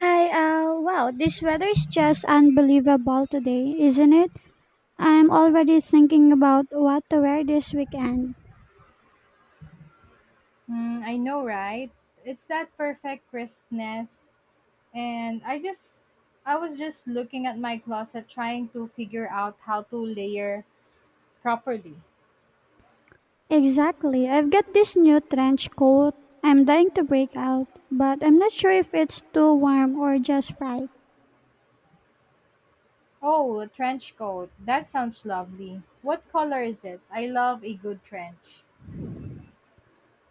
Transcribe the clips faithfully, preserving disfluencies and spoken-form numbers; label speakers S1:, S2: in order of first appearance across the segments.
S1: Hi, uh, wow, this weather is just unbelievable today, isn't it? I'm already thinking about what to wear this weekend.
S2: Mm, I know, right? It's that perfect crispness. And I just, I was just looking at my closet trying to figure out how to layer properly.
S1: Exactly, I've got this new trench coat. I'm dying to break out, but I'm not sure if it's too warm or just right.
S2: Oh, a trench coat. That sounds lovely. What color is it? I love a good trench.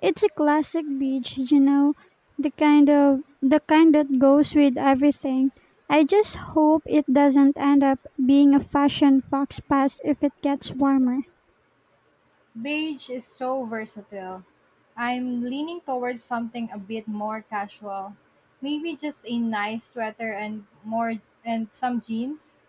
S1: It's a classic beach, you know, the kind of the kind that goes with everything. I just hope it doesn't end up being a fashion fox pass if it gets warmer.
S2: Beige is so versatile. I'm leaning towards something a bit more casual. Maybe just a nice sweater and more and some jeans.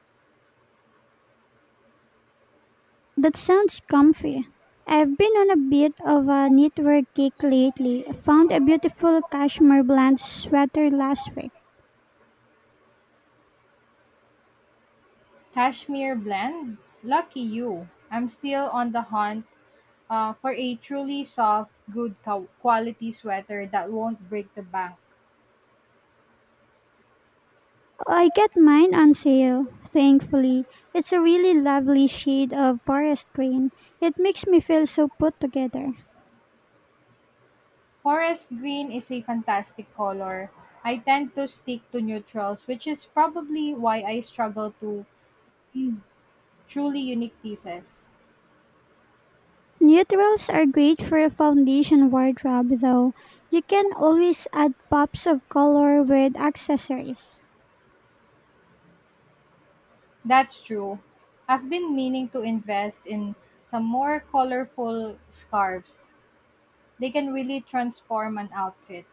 S1: That sounds comfy. I've been on a bit of a knitwear kick lately. Found a beautiful cashmere blend sweater last week.
S2: Kashmir Blend? Lucky you! I'm still on the hunt uh, for a truly soft, good co- quality sweater that won't break the bank.
S1: I get mine on sale, thankfully. It's a really lovely shade of forest green. It makes me feel so put together.
S2: Forest green is a fantastic color. I tend to stick to neutrals, which is probably why I struggle to truly unique pieces.
S1: Neutrals are great for a foundation wardrobe, though. You can always add pops of color with accessories.
S2: That's true. I've been meaning to invest in some more colorful scarves. They can really transform an outfit.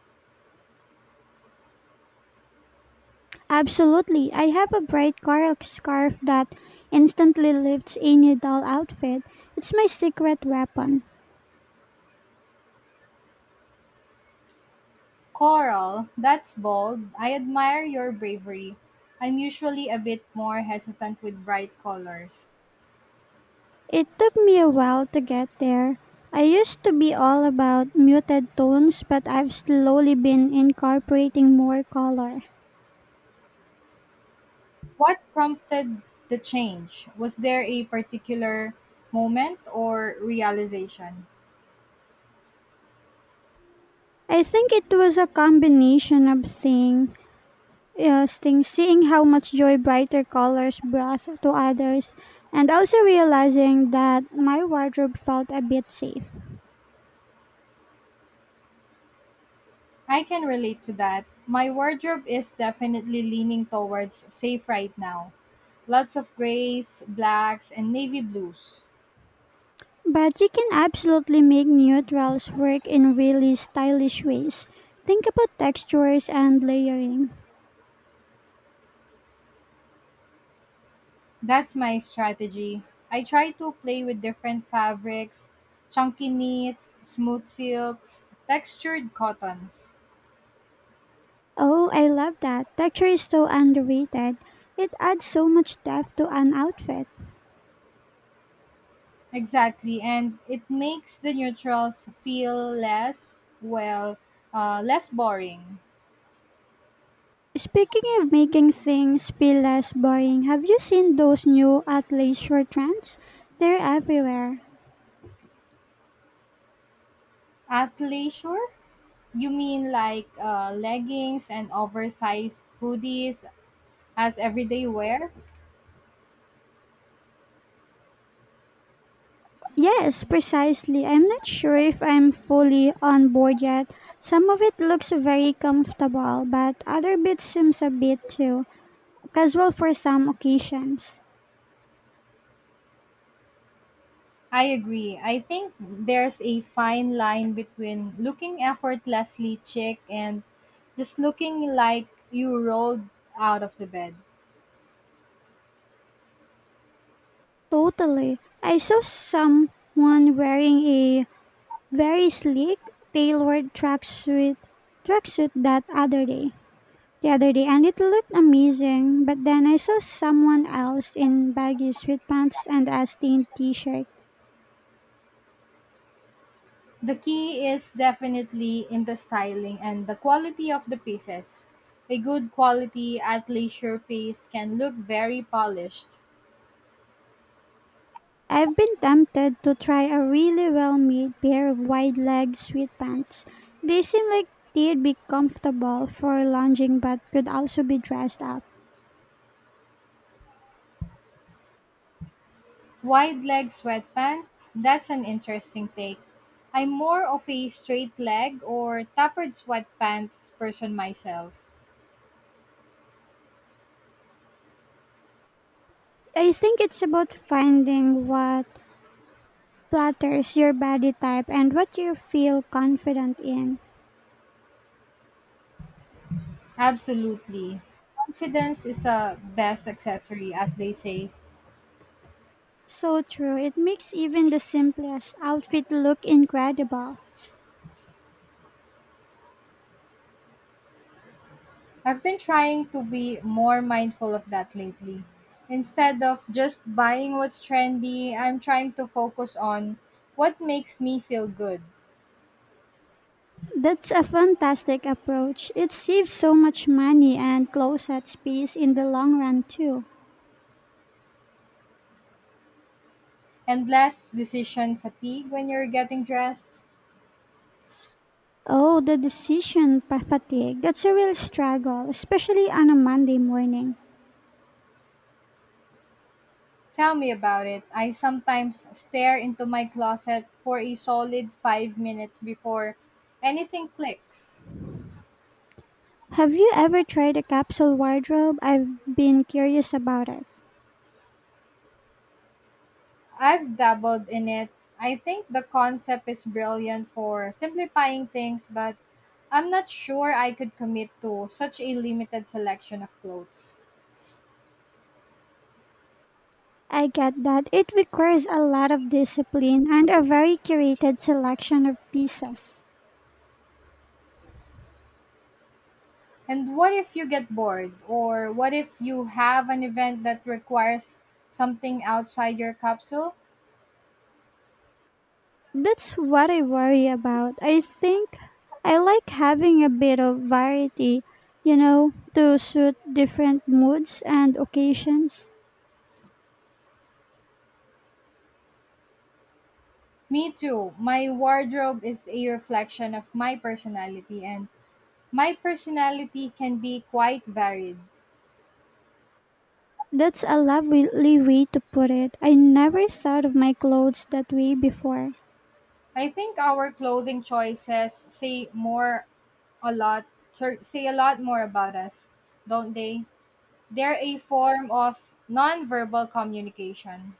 S1: Absolutely. I have a bright coral scarf that instantly lifts any dull outfit. It's my secret weapon.
S2: Coral, that's bold. I admire your bravery. I'm usually a bit more hesitant with bright colors.
S1: It took me a while to get there. I used to be all about muted tones, but I've slowly been incorporating more color.
S2: What prompted the change? Was there a particular moment or realization?
S1: I think it was a combination of seeing, uh, seeing seeing how much joy brighter colors brought to others, and also realizing that my wardrobe felt a bit safe.
S2: I can relate to that. My wardrobe is definitely leaning towards safe right now. Lots of grays, blacks, and navy blues.
S1: But you can absolutely make neutrals work in really stylish ways. Think about textures and layering.
S2: That's my strategy. I try to play with different fabrics, chunky knits, smooth silks, textured cottons.
S1: Oh, I love that. Texture is so underrated. It adds so much depth to an outfit.
S2: Exactly, and it makes the neutrals feel less, well, uh, less boring.
S1: Speaking of making things feel less boring, have you seen those new athleisure trends? They're everywhere.
S2: Athleisure? You mean like uh, leggings and oversized hoodies as everyday wear?
S1: Yes, precisely. I'm not sure if I'm fully on board yet. Some of it looks very comfortable, but other bits seems a bit too casual for some occasions.
S2: I agree. I think there's a fine line between looking effortlessly chic and just looking like you rolled out of the bed.
S1: Totally. I saw someone wearing a very sleek tailored tracksuit tracksuit that other day. The other day, and it looked amazing, but then I saw someone else in baggy sweatpants and a stained t-shirt.
S2: The key is definitely in the styling and the quality of the pieces. A good quality athleisure piece can look very polished.
S1: I've been tempted to try a really well-made pair of wide-leg sweatpants. They seem like they'd be comfortable for lounging but could also be dressed up.
S2: Wide leg sweatpants, that's an interesting take. I'm more of a straight leg or tapered sweatpants person myself.
S1: I think it's about finding what flatters your body type and what you feel confident in.
S2: Absolutely. Confidence is a best accessory, as they say.
S1: So true. It makes even the simplest outfit look incredible.
S2: I've been trying to be more mindful of that lately. Instead of just buying what's trendy, I'm trying to focus on what makes me feel good
S1: That's a fantastic approach. It saves so much money and closet space in the long run, too.
S2: and less decision fatigue when you're getting dressed.
S1: Oh, the decision pa- fatigue. That's a real struggle, especially on a Monday morning.
S2: Tell me about it. I sometimes stare into my closet for a solid five minutes before anything clicks.
S1: Have you ever tried a capsule wardrobe? I've been curious about it.
S2: I've dabbled in it. I think the concept is brilliant for simplifying things, but I'm not sure I could commit to such a limited selection of clothes.
S1: I get that it requires a lot of discipline and a very curated selection of pieces.
S2: And what if you get bored? Or what if you have an event that requires something outside your capsule?
S1: That's what I worry about. I think I like having a bit of variety, you know, to suit different moods and occasions.
S2: Me too. My wardrobe is a reflection of my personality, and my personality can be quite varied.
S1: That's a lovely way to put it. I never thought of my clothes that way before.
S2: I think our clothing choices say more a lot sir, say a lot more about us, don't they? They're a form of nonverbal communication.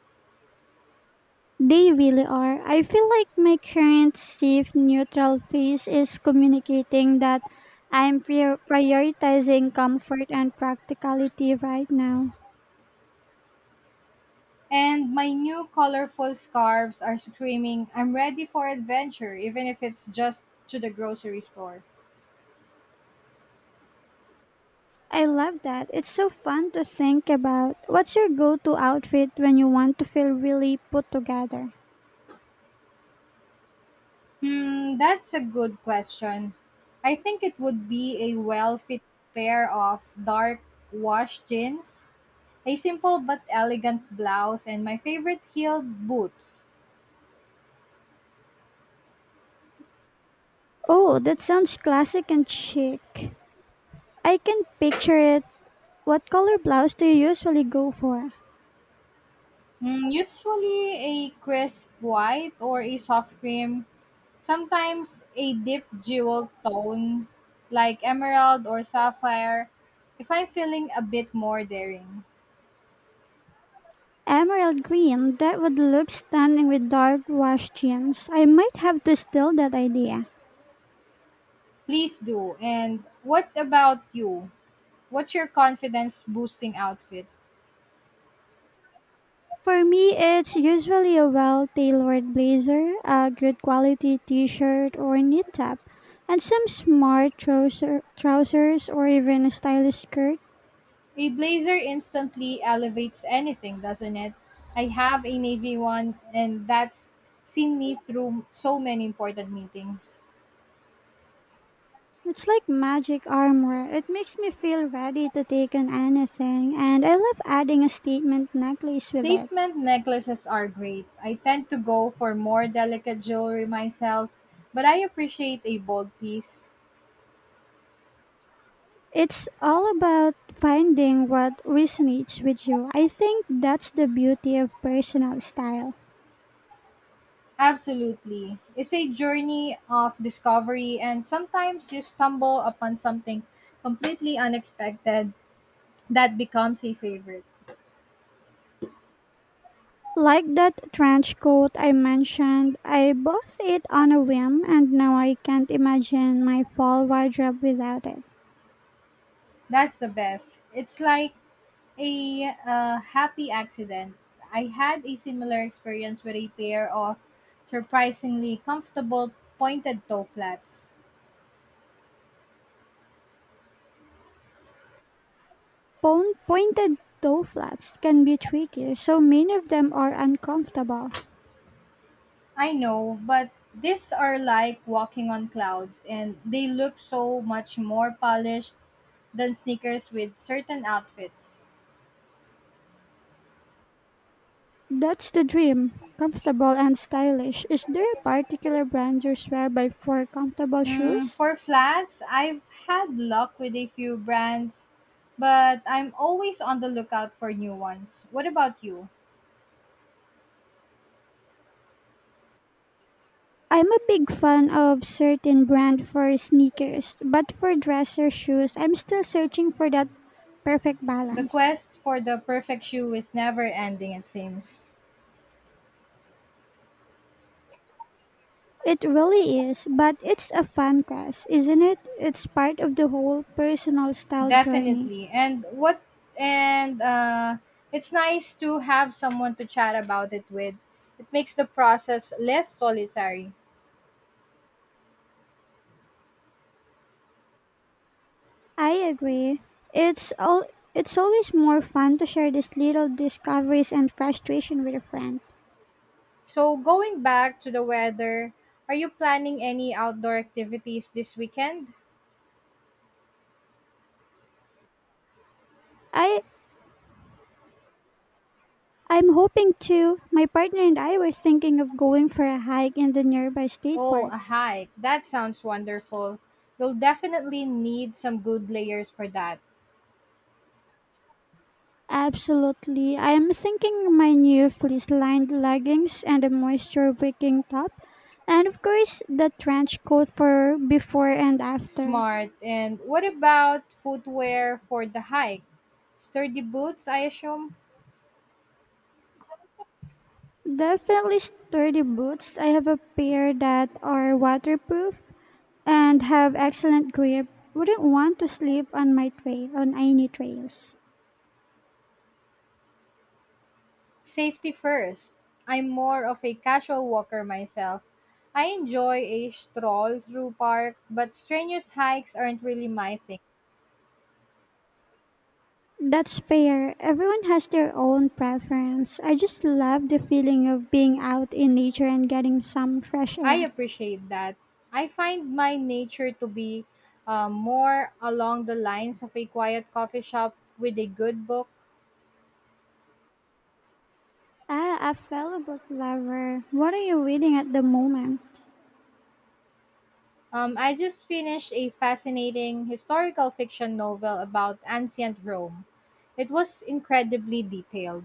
S1: They really are. I feel like my current safe neutral phase is communicating that I'm prior- prioritizing comfort and practicality right now.
S2: And my new colorful scarves are screaming, I'm ready for adventure, even if it's just to the grocery store.
S1: I love that. It's so fun to think about. What's your go to outfit when you want to feel really put together?
S2: Hmm, that's a good question. I think it would be a well fit pair of dark wash jeans, a simple but elegant blouse, and my favorite heeled boots.
S1: Oh, that sounds classic and chic. I can picture it. What color blouse do you usually go for?
S2: Hmm, usually a crisp white or a soft cream, sometimes a deep jewel tone like emerald or sapphire if I'm feeling a bit more daring.
S1: Emerald green, that would look stunning with dark washed jeans. I might have to steal that idea.
S2: Please do. And what about you? What's your confidence boosting outfit?
S1: For me, it's usually a well tailored blazer, a good quality t shirt or knit top, and some smart trouser, trousers or even a stylish skirt.
S2: A blazer instantly elevates anything, doesn't it? I have a navy one, and that's seen me through so many important meetings.
S1: It's like magic armor. It makes me feel ready to take on anything, and I love adding a statement necklace with it.
S2: Statement necklaces are great. I tend to go for more delicate jewelry myself, but I appreciate a bold piece.
S1: It's all about finding what resonates with you. I think that's the beauty of personal style.
S2: Absolutely. It's a journey of discovery, and sometimes you stumble upon something completely unexpected that becomes a favorite.
S1: Like that trench coat I mentioned, I bought it on a whim and now I can't imagine my fall wardrobe without it.
S2: That's the best. It's like a uh, happy accident. I had a similar experience with a pair of surprisingly comfortable pointed toe flats.
S1: Pon- pointed toe flats can be tricky, so many of them are uncomfortable.
S2: I know, but these are like walking on clouds and they look so much more polished than sneakers with certain outfits.
S1: That's the dream. Comfortable and stylish. Is there a particular brand you swear by for comfortable
S2: Hmm,
S1: shoes?
S2: for flats, I've had luck with a few brands, but I'm always on the lookout for new ones. What about you?
S1: I'm a big fan of certain brand for sneakers, but for dresser shoes, I'm still searching for that perfect
S2: The
S1: balance.
S2: quest for the perfect shoe is never ending it seems.
S1: It really is, but it's a fun quest, isn't it? It's part of the whole personal style journey.
S2: Definitely. And what and uh it's nice to have someone to chat about it with. It makes the process less solitary.
S1: I agree. It's all it's always more fun to share these little discoveries and frustration with a friend.
S2: So going back to the weather, are you planning any outdoor activities this weekend?
S1: I I'm hoping to. My partner and I were thinking of going for a hike in the nearby state
S2: Oh,
S1: park.
S2: a hike. That sounds wonderful. You'll definitely need some good layers for that.
S1: Absolutely. I am thinking my new fleece lined leggings and a moisture wicking top. And of course, the trench coat for before and after.
S2: Smart. And what about footwear for the hike? Sturdy boots, I assume?
S1: Definitely sturdy boots. I have a pair that are waterproof and have excellent grip. Wouldn't want to sleep on my trail on any trails.
S2: Safety first. I'm more of a casual walker myself. I enjoy a stroll through park, but strenuous hikes aren't really my thing.
S1: That's fair. Everyone has their own preference. I just love the feeling of being out in nature and getting some fresh
S2: I
S1: air.
S2: appreciate that. I find my nature to be uh, more along the lines of a quiet coffee shop with a good book.
S1: Ah, a fellow book lover. What are you reading at the moment?
S2: Um, I just finished a fascinating historical fiction novel about ancient Rome. It was incredibly detailed.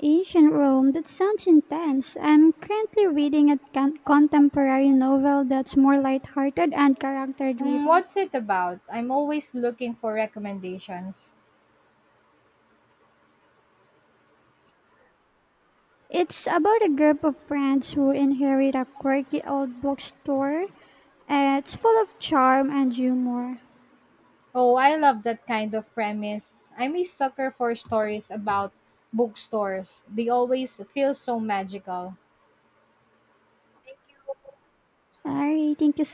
S1: Ancient Rome. That sounds intense. I'm currently reading a con- contemporary novel that's more lighthearted and character
S2: Hmm,
S1: driven.
S2: what's it about? I'm always looking for recommendations.
S1: It's about a group of friends who inherit a quirky old bookstore. Uh, It's full of charm and humor.
S2: Oh, I love that kind of premise. I'm a sucker for stories about bookstores. They always feel so magical.
S1: Alright, thank you